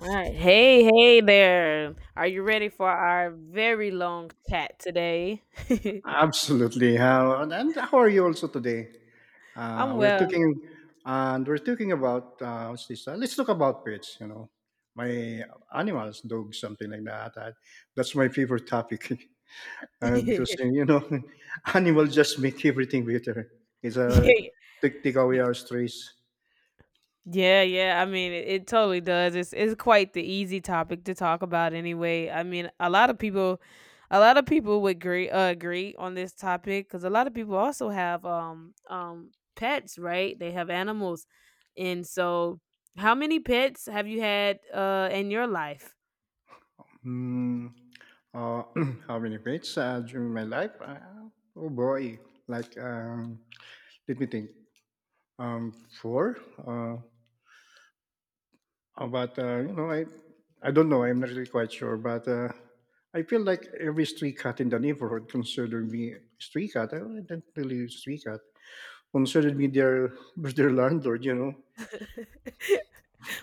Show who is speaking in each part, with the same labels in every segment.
Speaker 1: All right. Hey, hey there. Are you ready for our very long chat today?
Speaker 2: Absolutely. How and how are you also today? Uh,
Speaker 1: I'm
Speaker 2: we're
Speaker 1: well.
Speaker 2: talking we're talking about what's this? Let's talk about pets. You know, my animals, dogs, something like that. That's my favorite topic uh, because
Speaker 1: yeah,
Speaker 2: uh, you know, animals just make everything better. It's a take away our stress.
Speaker 1: yeah, yeah. I mean, it totally does. It's quite the easy topic to talk about anyway. I mean, a lot of people would agree agree on this topic cuz a lot of people also have pets, right? They have animals. And so, how many pets have you had in your life?
Speaker 2: Hmm. uh, how many pets during my life? Oh boy, like let me think. Um, four. Uh, But you know, I don't know. I'm not really quite sure. But I feel like every street cat in the neighborhood considered me street cat. I didn't really street cat. Considered me their their landlord. You know.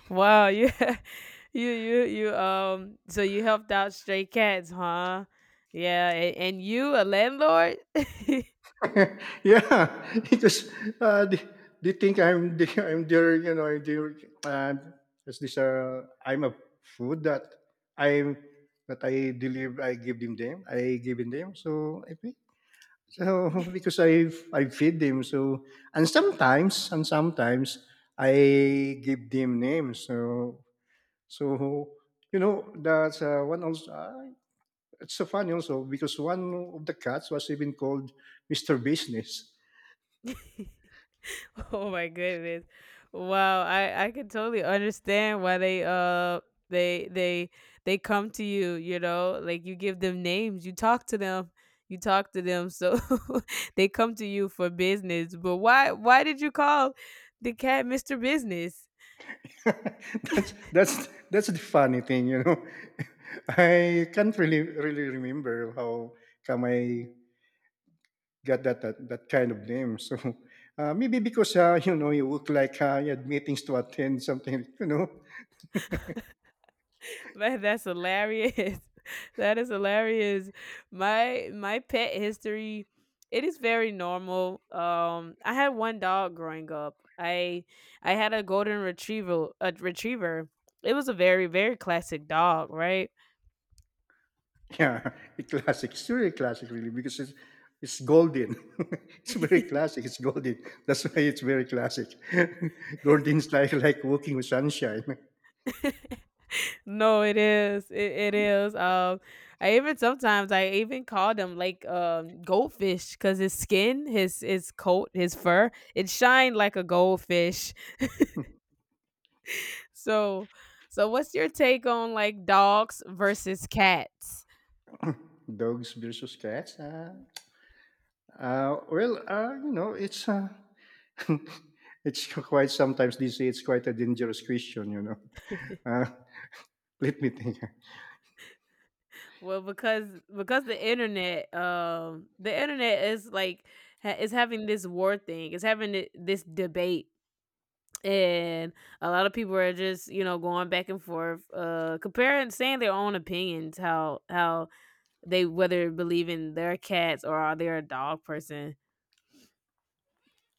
Speaker 1: Wow, you you so you helped out stray cats, huh? Yeah, and you a landlord?
Speaker 2: Yeah, because uh, they, they think I'm their, you know, I'm their uh, is this I'm a food that I'm I deliver. I give them them. So I think. So because I feed him, so and sometimes I give them names, so so you know that's one also it's so funny also because one of the cats was even called Mr. Business.
Speaker 1: Oh my goodness. Wow, I can totally understand why they they they they come to you, you know? Like you give them names, you talk to them, you talk to them. So they come to you for business. But why did you call the cat Mr. Business?
Speaker 2: that's that's that's the funny thing, you know. I can't really remember how come I got that kind of name. So maybe because you know you look like you had meetings to attend, something you know.
Speaker 1: Man, that's hilarious. That is hilarious. My pet history, it is very normal. I had one dog growing up. I had a golden retriever. A retriever. It was a very classic dog, right?
Speaker 2: Yeah, a classic. It's really classic, really, because it's golden. It's very classic. It's golden. That's why it's very classic. Golden's like walking with sunshine.
Speaker 1: No, it is. It is. I even sometimes I even call them like goldfish because his skin, his coat, his fur, it shined like a goldfish. So, so what's your take on like dogs versus cats?
Speaker 2: Dogs versus cats. Well, you know, it's it's quite, sometimes they say it's quite a dangerous question. You know, uh, let me think.
Speaker 1: Well, because the internet is like is having this war thing. It's having this debate, and a lot of people are just you know going back and forth, comparing, saying their own opinions, how they whether believe in their cats or are they a dog person.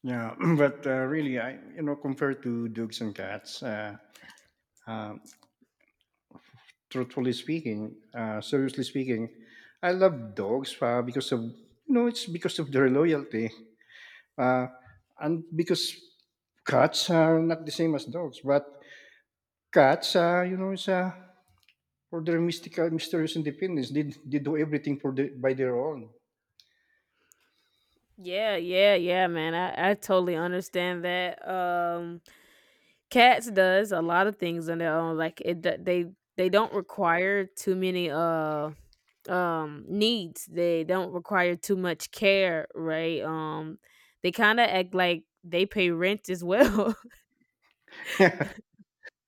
Speaker 2: Yeah, but really, I, you know, compared to dogs and cats, uh, truthfully speaking, seriously speaking, I love dogs because of, you know, it's because of their loyalty, uh, and because cats are not the same as dogs, but cats, you know, it's for their mystical, mysterious independence. They do everything for the, by their own.
Speaker 1: Yeah, yeah, yeah, man. I totally understand that. Cats does a lot of things on their own, like, it d they don't require too many, needs, they don't require too much care, right? They kinda act like they pay rent as well.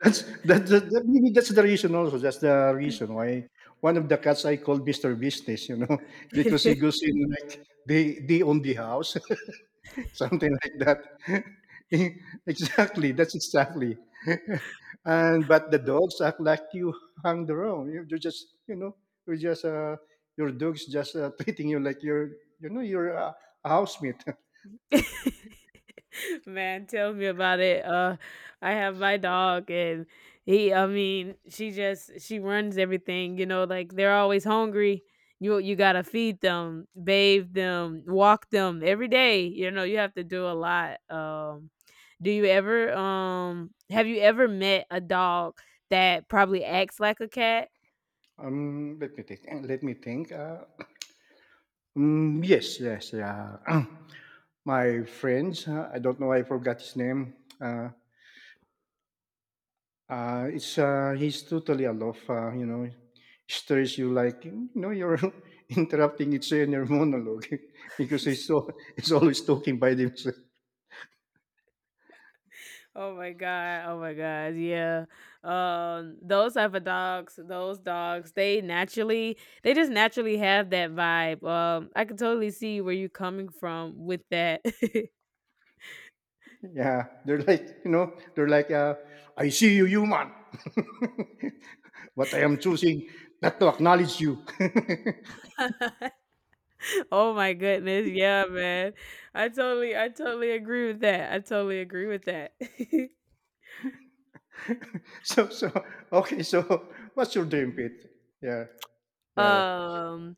Speaker 2: That maybe that's the reason also, that's the reason why one of the cats I called Mister Business, you know, because he goes in like, "They own the house." Something like that. Exactly, that's exactly. And but the dogs act like you hung the wrong. You just, you know, you're just, your dog's just, treating you like you're, you know, you're a housemate.
Speaker 1: Man, tell me about it. I have my dog, and he, I mean, she runs everything. You know, like they're always hungry. You gotta feed them, bathe them, walk them every day. You know, you have to do a lot. Do you ever have you ever met a dog that probably acts like a cat?
Speaker 2: Um, let me think, let me think, mm, yes, yes, yeah. My friends, I don't know, I forgot his name. Uh, it's He's totally aloof. You know, stares you like, you know, you're interrupting each in your monologue because he's so he's always talking by themselves.
Speaker 1: Oh my god. Oh my god. Yeah. Those type of dogs, those dogs, they naturally they just naturally have that vibe. I can totally see where you're coming from with that.
Speaker 2: Yeah, they're like, you know, they're like I see you, human, but I am choosing not to acknowledge you.
Speaker 1: oh my goodness. Yeah, man. I totally agree with that. I totally agree with that.
Speaker 2: So so okay, so what's your dream, Pete? Yeah, yeah.
Speaker 1: Um,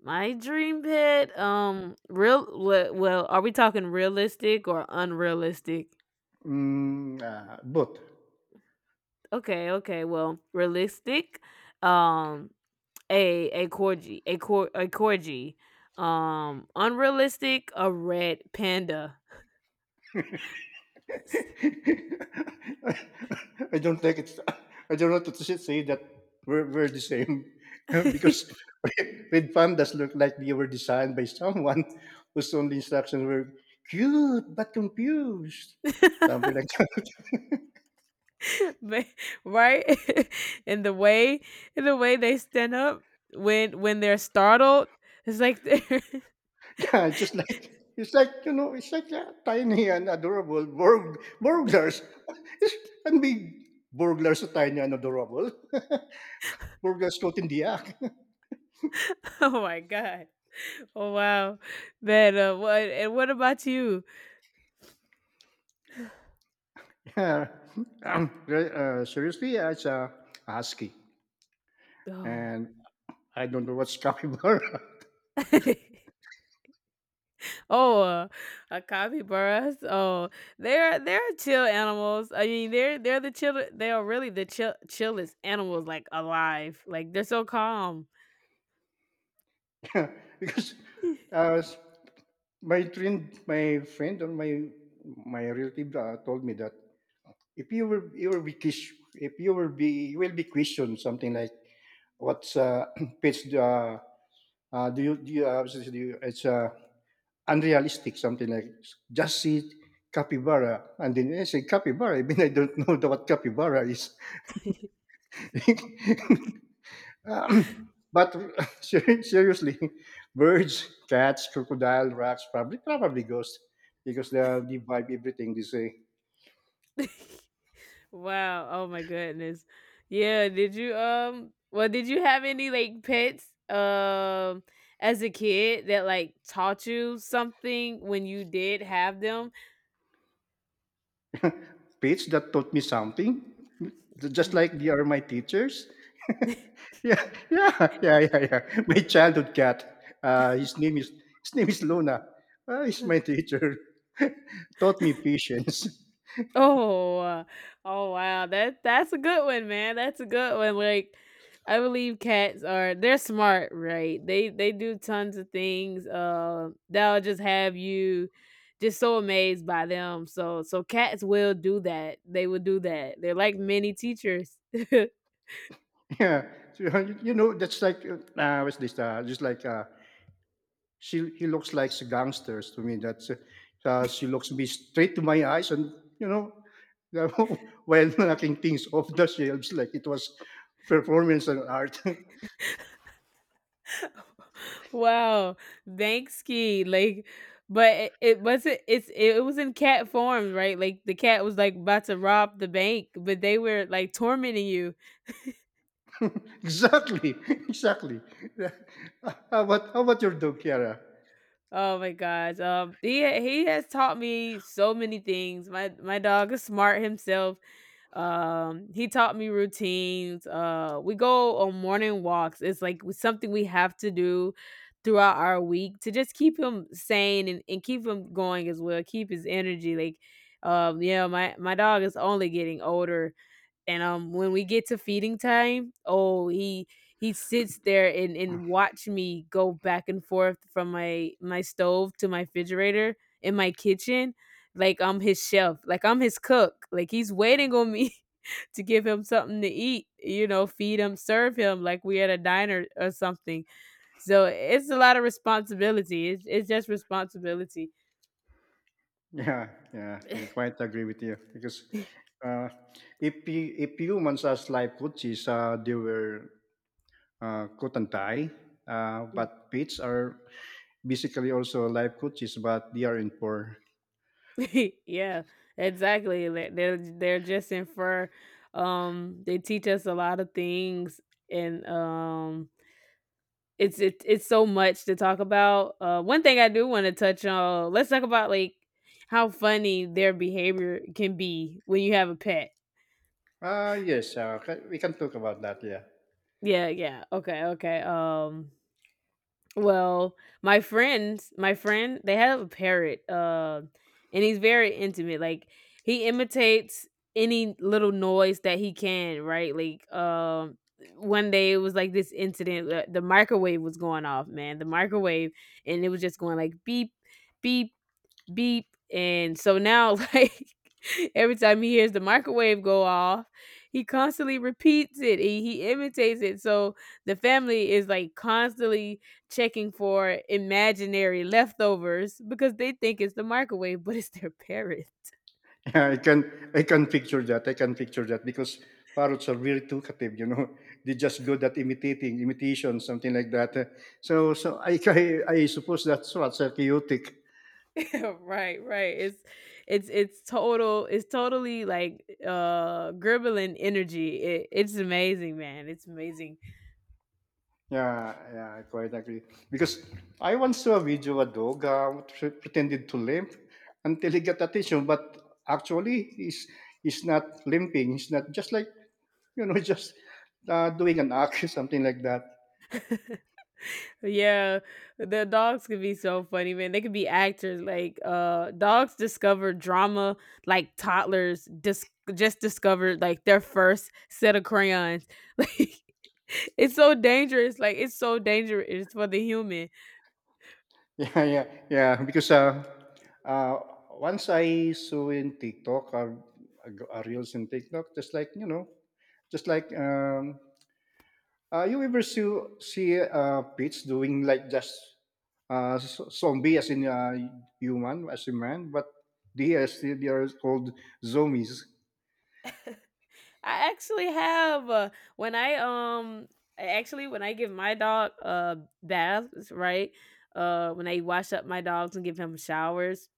Speaker 1: my dream pet. Well, are we talking realistic or unrealistic?
Speaker 2: Mm, both.
Speaker 1: Okay, okay. Well, realistic. Um, a corgi. Unrealistic. A red panda.
Speaker 2: I don't like it. I don't want to say that we're the same because red pandas look like they were designed by someone whose only instructions were cute but confused, something like that.
Speaker 1: Ma- right? and the way, and the way they stand up when they're startled, it's like they're.
Speaker 2: Yeah, just like it's like, you know, it's like a tiny and adorable burglars. It's, and big burglars so tiny and adorable. Burglars caught in the act.
Speaker 1: oh my god! Oh wow, man. What about you?
Speaker 2: Uh, seriously, it's a husky,
Speaker 1: Oh.
Speaker 2: and I don't know what's capybara.
Speaker 1: Oh, uh, a capybaras. Oh, they're chill animals. I mean, They are really the chillest animals like alive. Like they're so calm.
Speaker 2: Because uh, my friend or my relative told me that if you will you will be ques- if you will be you will be questioned something like what's pets do, do you, it's unrealistic something like just see capybara and then I say capybara. I mean I don't know what capybara is. But seriously, birds, cats, crocodile, rocks, probably ghosts because they vibe everything. They say
Speaker 1: wow. Oh my goodness. Yeah. Did you um? Well, did you have any like pets as a kid that like taught you something when you did have them?
Speaker 2: pets that taught me something, just like they are my teachers. Yeah, yeah, yeah, yeah, yeah. My childhood cat. His name is Luna. He's my teacher. Taught me patience.
Speaker 1: Oh, uh, oh wow, that's a good one, man. That's a good one. Like, I believe cats are they're smart, right? They do tons of things. That'll just have you just so amazed by them. So so cats will do that. They will do that. They're like mini teachers.
Speaker 2: Yeah, so, you know that's like what's this? Just like she he looks like a gangsters to me. That's she looks me straight to my eyes, and you know, while knocking things off the shelves like it was performance and art.
Speaker 1: wow, thanks, Ski. Like, but it wasn't. It was in cat form, right? Like the cat was like about to rob the bank, but they were like tormenting you.
Speaker 2: Exactly, exactly. Yeah. How about how about your dog, Kiara?
Speaker 1: Oh my gosh. He has taught me so many things. My dog is smart himself. He taught me routines. We go on morning walks. It's like something we have to do throughout our week to just keep him sane and keep him going as well. Keep his energy like yeah, my dog is only getting older and when we get to feeding time, oh, he sits there and watch me go back and forth from my stove to my refrigerator in my kitchen like I'm his chef, like I'm his cook. Like he's waiting on me to give him something to eat, you know, feed him, serve him like we at a diner or something. So it's a lot of responsibility. It's just responsibility.
Speaker 2: Yeah, yeah, I quite agree with you because uh, if you, if humans as live coaches, they were coat and tie, but pets are basically also live coaches, but they are in poor.
Speaker 1: yeah, exactly. Like, they're just in fur. They teach us a lot of things, and it's so much to talk about. One thing I do want to touch on. Let's talk about like how funny their behavior can be when you have a pet.
Speaker 2: Ah, yes, ca we can talk about that, yeah.
Speaker 1: Yeah, yeah. Okay, okay. Well, my friend, they have a parrot, and he's very intimate. Like he imitates any little noise that he can, right? Like one day it was like this incident, the microwave was going off, man. The microwave and it was just going like beep, beep, beep. And so now, like, every time he hears the microwave go off, he constantly repeats it. He imitates it. So the family is like constantly checking for imaginary leftovers because they think it's the microwave, but it's their parent.
Speaker 2: Yeah, I can picture that, I can picture that because parrots are really talkative, you know. They're just good at imitating, imitation, something like that. So I I suppose that's what's therapeutic.
Speaker 1: right, right. It's totally like Gremlin energy. It's amazing, man. It's amazing.
Speaker 2: Yeah, yeah, I quite agree. Because I once saw a video of a dog pretended to limp until he got attention, but actually he's not limping. He's not just like you know just doing an act, something like that.
Speaker 1: Yeah, the dogs could be so funny, man. They could be actors. Like, dogs discover drama like toddlers just discovered like their first set of crayons. Like, it's so dangerous. Like, it's so dangerous for the human.
Speaker 2: Yeah, yeah, yeah. Because uh, once I saw in TikTok, a reels in TikTok, just like you know, just like you ever see see pits doing like just zombie as in human as in man, but they are still they are called zombies.
Speaker 1: I actually have uh, when I um I actually when I give my dog baths, right? When I wash up my dogs and give him showers,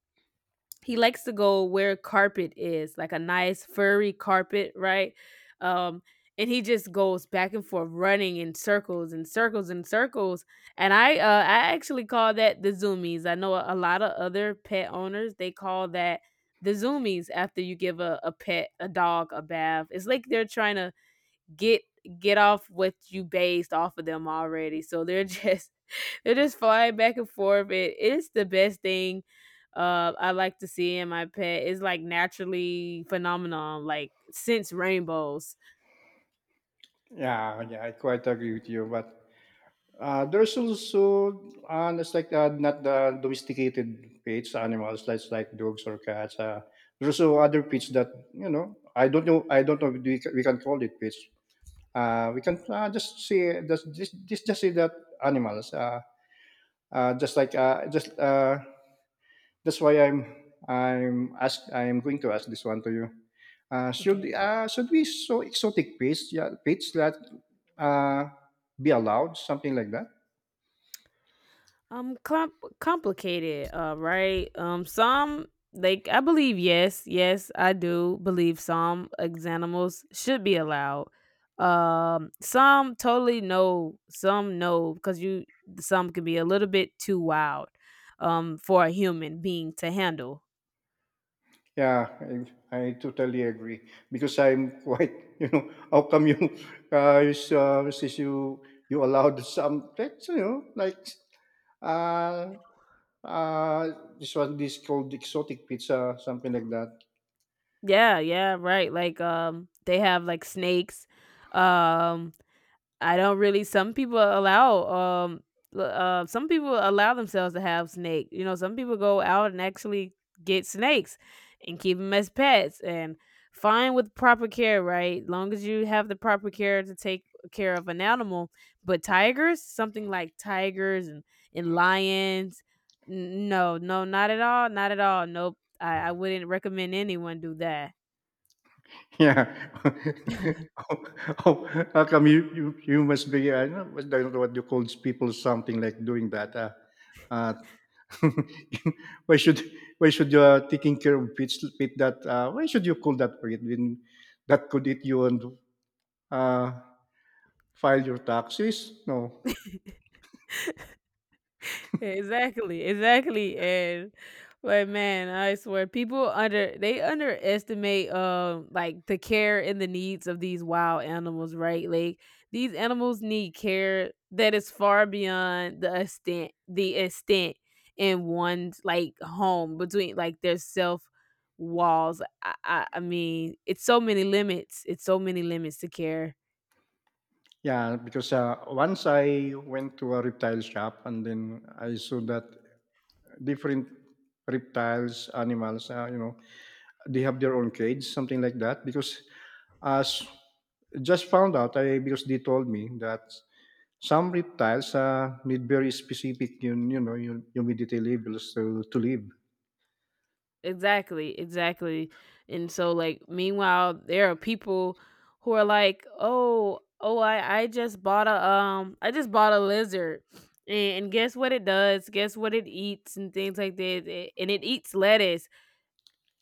Speaker 1: he likes to go where carpet is, like a nice furry carpet, right? Um, and he just goes back and forth running in circles and circles and circles. And I actually call that the zoomies. I know a lot of other pet owners, they call that the zoomies after you give a pet, a dog, a bath. It's like they're trying to get get off what you based off of them already. So they're just they're just flying back and forth. It is the best thing I like to see in my pet. It's like naturally phenomenon, like since rainbows.
Speaker 2: Yeah, yeah, I quite agree with you. But there's also, and it's like not the domesticated pets, animals, like dogs or cats. There's also other pets that you know. I don't know. I don't know. If we, can, we can call it pets. We can just say just say that animals. Just like just That's why I'm going to ask this one to you.
Speaker 1: Okay.
Speaker 2: Should we so exotic pets? Yeah, pets that uh, be allowed something like that.
Speaker 1: um com- complicated right, some like I believe yes, yes I do believe some animals should be allowed. Some totally no, some no because you some can be a little bit too wild for a human being to handle.
Speaker 2: Yeah, I totally agree because I'm quite, you know, how come you, since you allowed some that's you know like uh uh this one this called exotic pizza something like that.
Speaker 1: Yeah, yeah, right, like they have like snakes. um I don't really. Some people allow themselves to have snake. You know, some people go out and actually get snakes and keep them as pets and fine with proper care, right? Long as you have the proper care to take care of an animal. But tigers, something like tigers and lions, no, no, not at all, not at all. Nope. I wouldn't recommend anyone do that.
Speaker 2: Yeah, how, how, how come you you you must be I don't know what I don't know what you call people something like doing that. Uh, why should why should you taking care of pits pit that why should you call that pit when that could eat you and uh, file your taxes? No.
Speaker 1: Exactly, exactly, and but man, I swear people under they underestimate like the care and the needs of these wild animals, right? Like these animals need care that is far beyond the extent in one's like home between like their self walls. I mean, it's so many limits. It's so many limits to care.
Speaker 2: Yeah, because once I went to a reptile shop and then I saw that different reptiles, animals, you know, they have their own cage, something like that. Because as just found out, I because they told me that some reptiles need very specific, you know, humidity levels to live.
Speaker 1: Exactly, exactly. And so like meanwhile there are people who are like, "Oh, oh I just bought a I just bought a lizard." And guess what it does? Guess what it eats and things like that. And it eats lettuce.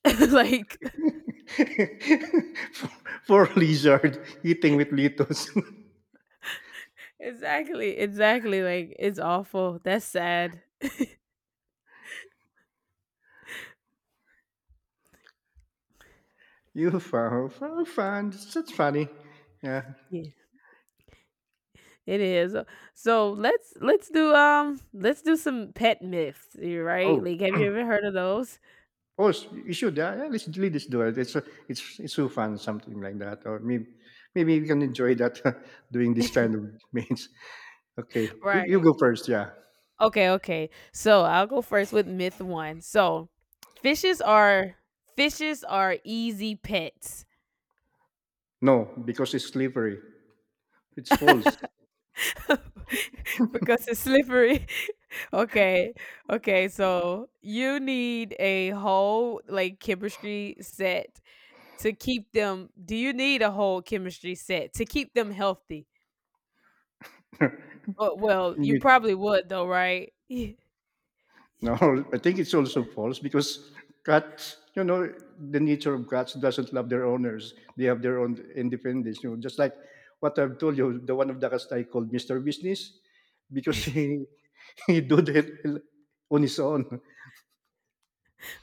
Speaker 1: like
Speaker 2: for, for lizard eating with litos.
Speaker 1: exactly, exactly. Like it's awful. That's sad.
Speaker 2: You found, found, that's funny. Yeah.
Speaker 1: Yeah. It is. So let's do let's do some pet myths, you right?
Speaker 2: Oh,
Speaker 1: Like have you ever heard of those?
Speaker 2: you should. Yeah, let's, let this do it. It's, it's so fun, something like that. Or maybe, maybe you can enjoy that doing this kind of means. Okay, you
Speaker 1: Right.
Speaker 2: go first. Yeah.
Speaker 1: Okay, okay. So I'll go first with myth one. So fishes are fishes are easy pets.
Speaker 2: No, because it's slippery. It's false.
Speaker 1: because it's slippery. okay, okay. So you need a whole like chemistry set to keep them. Do you need a whole chemistry set to keep them healthy? Well, well you probably would though, right?
Speaker 2: No, I think it's also false because cats, you know, the nature of cats doesn't love their owners. They have their own independence. You know, just like what I've told you, the one of the cats I called Mister Business because he he do that on his own.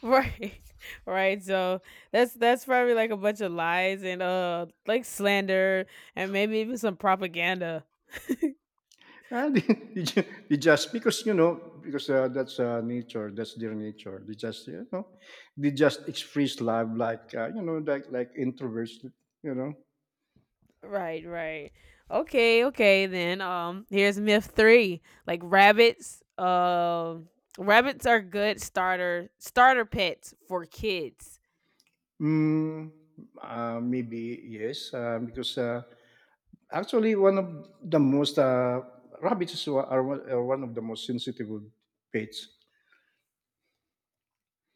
Speaker 1: Right. Right. So that's probably like a bunch of lies and like slander and maybe even some propaganda.
Speaker 2: And he just because you know because that's nature, that's their nature. They just you know they just express love like you know like introverts. You know,
Speaker 1: Right, right. Okay, okay then. Here's myth 3. Like rabbits, rabbits are good starter pets for kids.
Speaker 2: mm, maybe yes because. Actually, one of the most rabbits are one of the most sensitive of pets.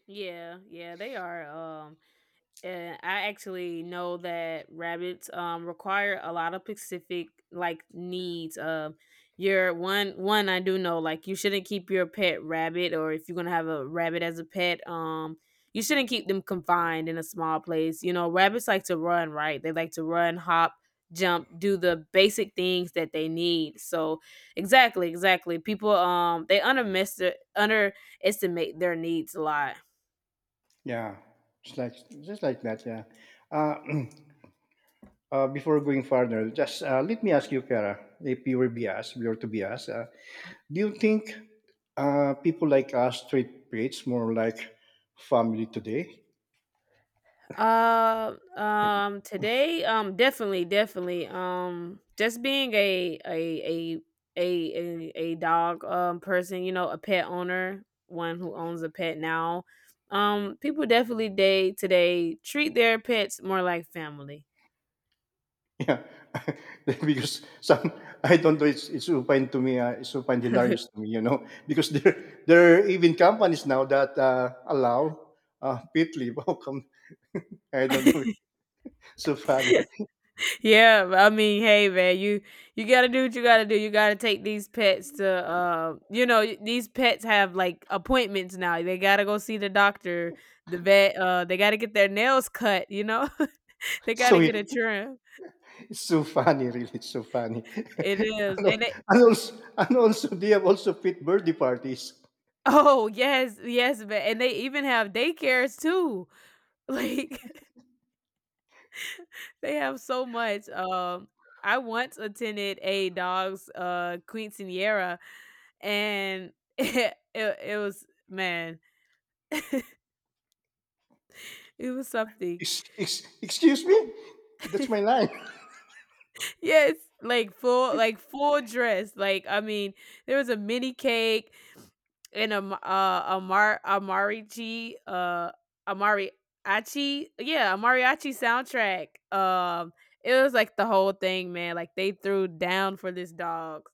Speaker 1: Yeah, yeah, they are. I actually know that rabbits require a lot of specific like needs. Your one I do know like you shouldn't keep your pet rabbit, or if you're gonna have a rabbit as a pet, you shouldn't keep them confined in a small place. You know, rabbits like to run, right? They like to run, hop, jump, do the basic things that they need. So exactly, exactly. People they underestimate their needs a lot.
Speaker 2: Yeah, just like just like that. Yeah. Uh, before going further, just let me ask you, Kara, if you were be asked, we were to be asked, do you think people like us treat pets more like family today?
Speaker 1: Today, definitely, definitely, just being a dog person, you know, a pet owner, one who owns a pet now, people definitely day today treat their pets more like family.
Speaker 2: Yeah, because some I don't know. It's supine to me. It's supine hilarious to me, you know, because there are even companies now that allow pit leave. How come? I don't know. It's so funny.
Speaker 1: Yeah, I mean, hey man, you gotta do what you gotta do. You gotta take these pets to, these pets have like appointments now. They gotta go see the doctor, the vet. They gotta get their nails cut. They gotta
Speaker 2: So it-
Speaker 1: get a trim.
Speaker 2: it's so funny, really. It's so funny.
Speaker 1: It is, and they.
Speaker 2: And also, they have also pit birthday parties.
Speaker 1: Oh yes, yes, man, and they even have daycares too. Like they have so much. I once attended a dog's quinceanera, and it was man. It was something.
Speaker 2: Excuse me, that's my line.
Speaker 1: Yes, like full dress. Like I mean, there was a mini cake and a m- amar amarichi amari achi yeah a mariachi soundtrack. It was like the whole thing, man. Like they threw down for this dog.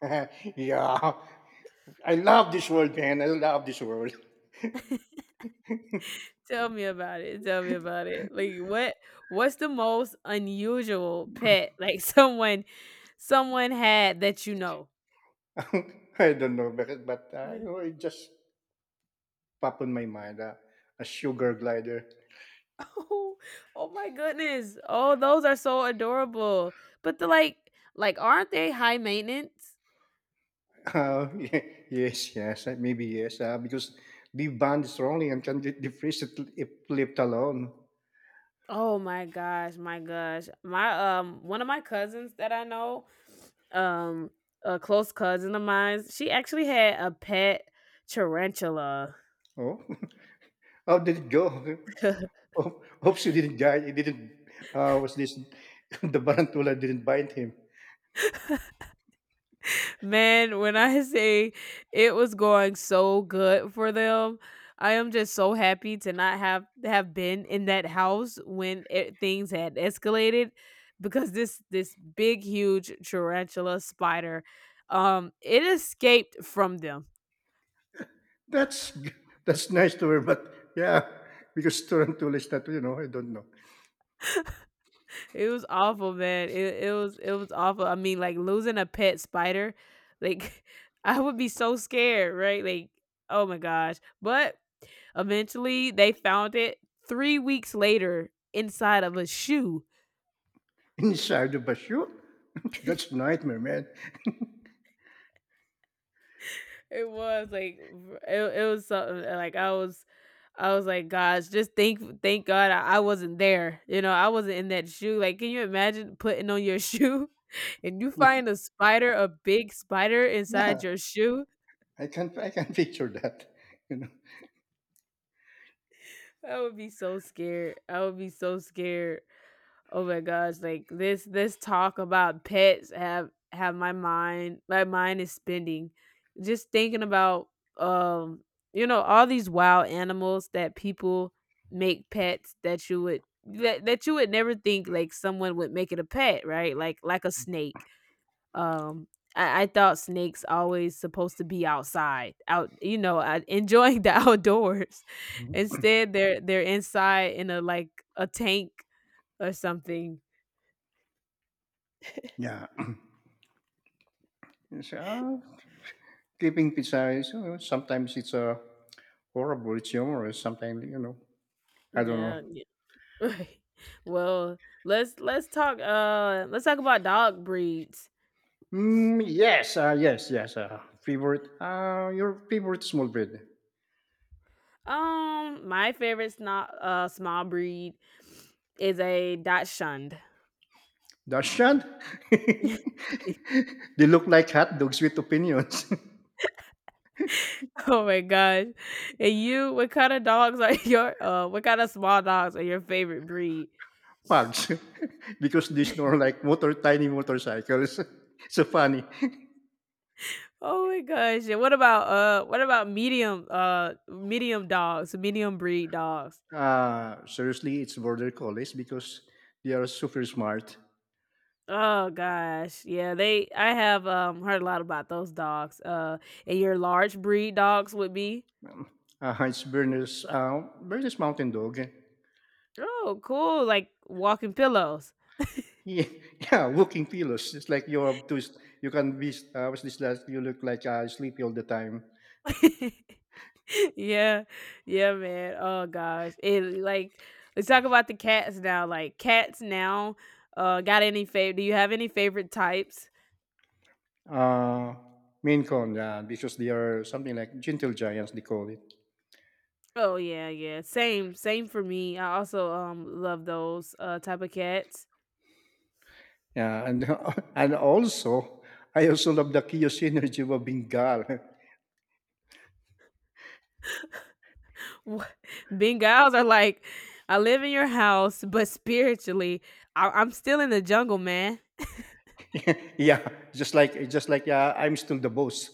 Speaker 2: Yeah, I love this world, man. I love this world.
Speaker 1: Tell me about it. Tell me about it. Like what? What's the most unusual pet like someone had that you know?
Speaker 2: I don't know bakit, but you know, it just popped on my mind a sugar glider.
Speaker 1: Oh, oh my goodness. Oh, those are so adorable. But the like aren't they high maintenance?
Speaker 2: Yes, yes, maybe yes, because the band is rolling and can defreeze it if left alone.
Speaker 1: Oh my gosh, my gosh. My one of my cousins that I know, um, a close cousin of mine, she actually had a pet tarantula.
Speaker 2: Oh, how did it go? Hopes you didn't die. It didn't. Was this the tarantula didn't bite him?
Speaker 1: Man, when I say it was going so good for them, I am just so happy to not have been in that house when it, things had escalated, because this big huge tarantula spider it escaped from them.
Speaker 2: That's g- that's nice to her, but yeah, because tarantula is not. You know, I don't know.
Speaker 1: It was awful, man. It was awful. I mean, like losing a pet spider, like I would be so scared, right? Like, oh my gosh. But eventually they found it three weeks later inside of a shoe.
Speaker 2: Inside the basho. That's nightmare, man.
Speaker 1: It was like it was something like I was like, gosh, just thank God I wasn't there. You know, I wasn't in that shoe. Like, can you imagine putting on your shoe and you find a spider, a big spider inside
Speaker 2: Yeah.
Speaker 1: your shoe?
Speaker 2: I can picture that. You know.
Speaker 1: I would be so scared. I would be so scared. Oh my gosh, like this talk about pets have my mind is spinning just thinking about um, you know, all these wild animals that people make pets that you would that you would never think like someone would make it a pet, right? Like a snake, um, I thought snakes always supposed to be outside, out you know, enjoying the outdoors.
Speaker 2: Mhm.
Speaker 1: Instead, they're inside in a like a tank or something.
Speaker 2: Yeah. You say, "Ah, keeping pizza is, you know, sometimes it's horrible, it's humorous. Sometimes, you know, I don't know.
Speaker 1: Yeah, yeah. Right. Well, let's talk about dog breeds.
Speaker 2: Mm, yes, yes, yes. Favorite, your favorite small bread,
Speaker 1: Um, my favorite sno small breed is a Dachshund.
Speaker 2: Dachshund. They look like hot dogs with opinions.
Speaker 1: Oh my gosh. And you what kind of dogs are your what kind of small dogs are your favorite breed?
Speaker 2: Pugs, because they snore like motor tiny motorcycles. So funny.
Speaker 1: Oh my gosh. And what about medium dogs, medium breed dogs?
Speaker 2: Seriously, it's border collies because they are super smart.
Speaker 1: Oh gosh. Yeah, they I have heard a lot about those dogs. Uh, and your large breed dogs would be
Speaker 2: Heinz Berners, Berners Mountain Dog.
Speaker 1: oh cool, like walking pillows.
Speaker 2: Yeah, yeah, walking pillows. It's like you're too, you can be, what's this last, you look like sleepy all the time.
Speaker 1: yeah. Yeah, man. Oh gosh. And like let's talk about the cats now. Like cats now, got any favorite do you have any favorite types?
Speaker 2: Uh, Maine Coon, yeah, because they are something like gentle giants, they call it.
Speaker 1: Oh yeah, yeah. Same, same for me. I also love those type of cats.
Speaker 2: Yeah, and and also, I also love the Kiyo's energy of Bengal.
Speaker 1: Wha- Bengals are like, I live in your house, but spiritually, I'm still in the jungle, man.
Speaker 2: Yeah, just like, yeah, I'm still the boss.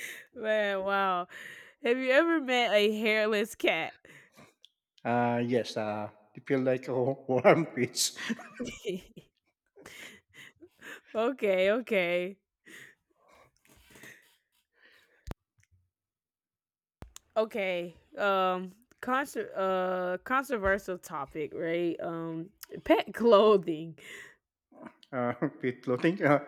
Speaker 1: Man, wow. Have you ever met a hairless cat?
Speaker 2: Yes, they feel like a warm pits.
Speaker 1: okay, okay, okay. Controversial topic, right? Pet clothing.
Speaker 2: Uh, free floating.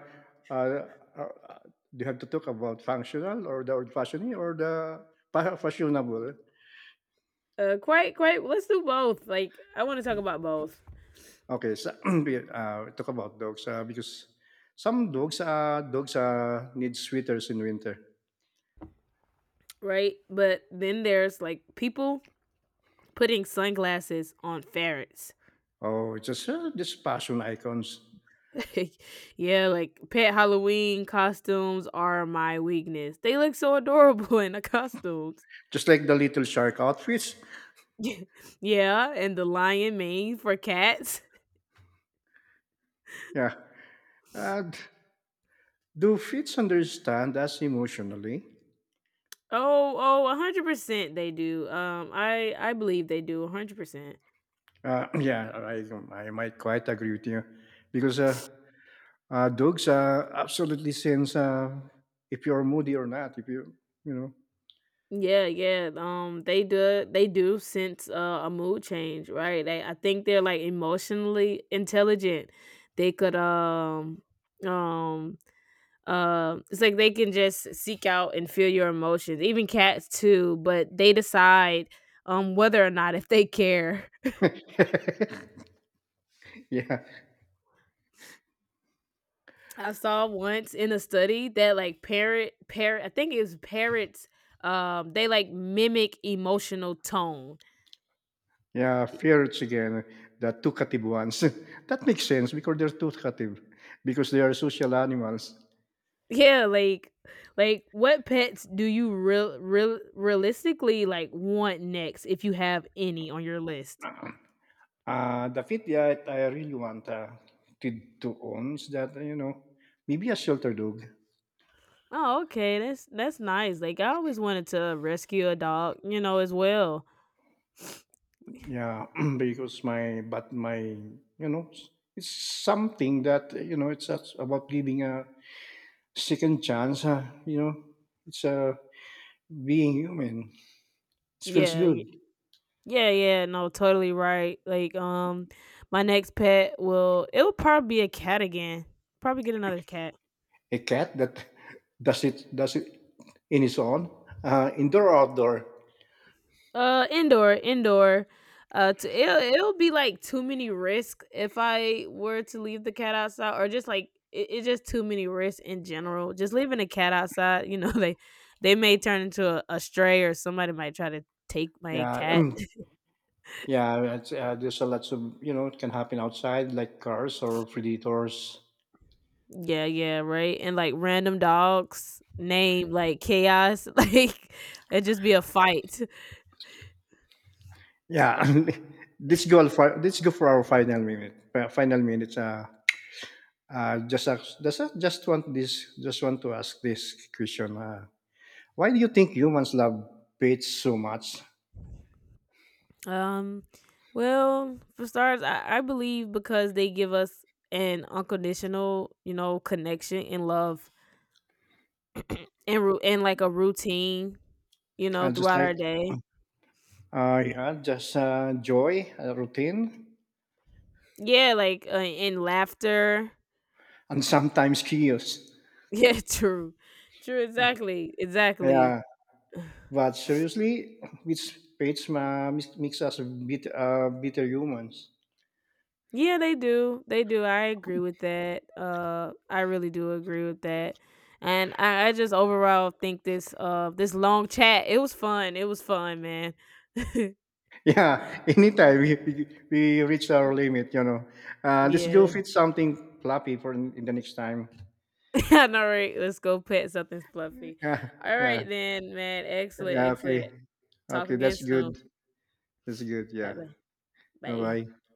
Speaker 2: uh, uh, uh, do you have to talk about functional or the old fashioned or the fashionable?
Speaker 1: Quite, quite. Let's do both. Like, I want to talk about both.
Speaker 2: Okay, so we talk about dogs because some dogs need sweaters in winter.
Speaker 1: Right? But then there's like people putting sunglasses on ferrets.
Speaker 2: Oh, just fashion icons,
Speaker 1: yeah, like pet Halloween costumes are my weakness. They look so adorable in the costumes.
Speaker 2: just like the little shark outfits.
Speaker 1: yeah, and the lion mane for cats.
Speaker 2: Yeah. Uh, do fits understand us emotionally?
Speaker 1: Oh, oh, 100% they do. Um, I believe they do 100%.
Speaker 2: Yeah, I might quite agree with you because. Dogs, absolutely sense if you're moody or not. If you, you know,
Speaker 1: Yeah, yeah. They do. They do sense a mood change, right? They, I think they're like emotionally intelligent. They could, um, it's like they can just seek out and feel your emotions. Even cats too, but they decide, whether or not if they care.
Speaker 2: yeah,
Speaker 1: I saw once in a study that like parrot, parrot. I think it was parrots. They like mimic emotional tone.
Speaker 2: yeah, ferrets again, the talkative ones. That makes sense because they're talkative, because they are social animals.
Speaker 1: Yeah, like what pets do you realistically like want next if you have any on your list?
Speaker 2: The fit that I really want to own is that, you know, maybe a shelter dog.
Speaker 1: Oh, okay. That's nice. Like I always wanted to rescue a dog, you know, as well.
Speaker 2: Yeah, because my but my, you know, it's something that you know it's just about giving a second chance, you know, it's being human. It feels
Speaker 1: Yeah,
Speaker 2: good.
Speaker 1: y- yeah, yeah. No, totally right. Like, my next pet will it'll probably be a cat again. Probably get another cat.
Speaker 2: A cat that does it in its own, indoor or outdoor.
Speaker 1: Indoor, indoor. It'll, it'll be like too many risks if I were to leave the cat outside, or just like it, it's just too many risks in general. Just leaving a cat outside, you know, they may turn into a stray, or somebody might try to take my
Speaker 2: Yeah,
Speaker 1: cat.
Speaker 2: yeah. It's, there's a lots of you know it can happen outside, like cars or predators.
Speaker 1: Yeah, yeah, right. And like random dogs name like chaos, like it'd just be a fight.
Speaker 2: Yeah, let's go for our final minute. Uh, final minutes. Just want this. Just want to ask this question. Why do you think humans love pets so much?
Speaker 1: Um, well, for starters, I believe because they give us an unconditional, you know, connection and love and like a routine, you know,
Speaker 2: I just
Speaker 1: throughout
Speaker 2: like,
Speaker 1: our day.
Speaker 2: yeah, just joy, routine,
Speaker 1: Yeah, like in laughter.
Speaker 2: and sometimes chaos.
Speaker 1: Yeah, true, true, exactly, exactly.
Speaker 2: Yeah, but seriously, which page makes us bit, bitter humans.
Speaker 1: Yeah, they do. They do. I agree with that. I really do agree with that. And I just overall think this this long chat. It was fun. It was fun, man.
Speaker 2: Yeah, anytime we reach our limit, you know. Let's go
Speaker 1: Yeah.
Speaker 2: fit something fluffy for in the next time.
Speaker 1: I know, right? Let's go pet something fluffy.
Speaker 2: Yeah, yeah,
Speaker 1: Alright then, man. Excellent,
Speaker 2: yeah, okay.
Speaker 1: excellent. Talk
Speaker 2: Okay,
Speaker 1: again
Speaker 2: that's
Speaker 1: soon.
Speaker 2: good. That's good,
Speaker 1: Bye
Speaker 2: yeah.
Speaker 1: bye.
Speaker 2: Bye
Speaker 1: Bye.
Speaker 2: bye.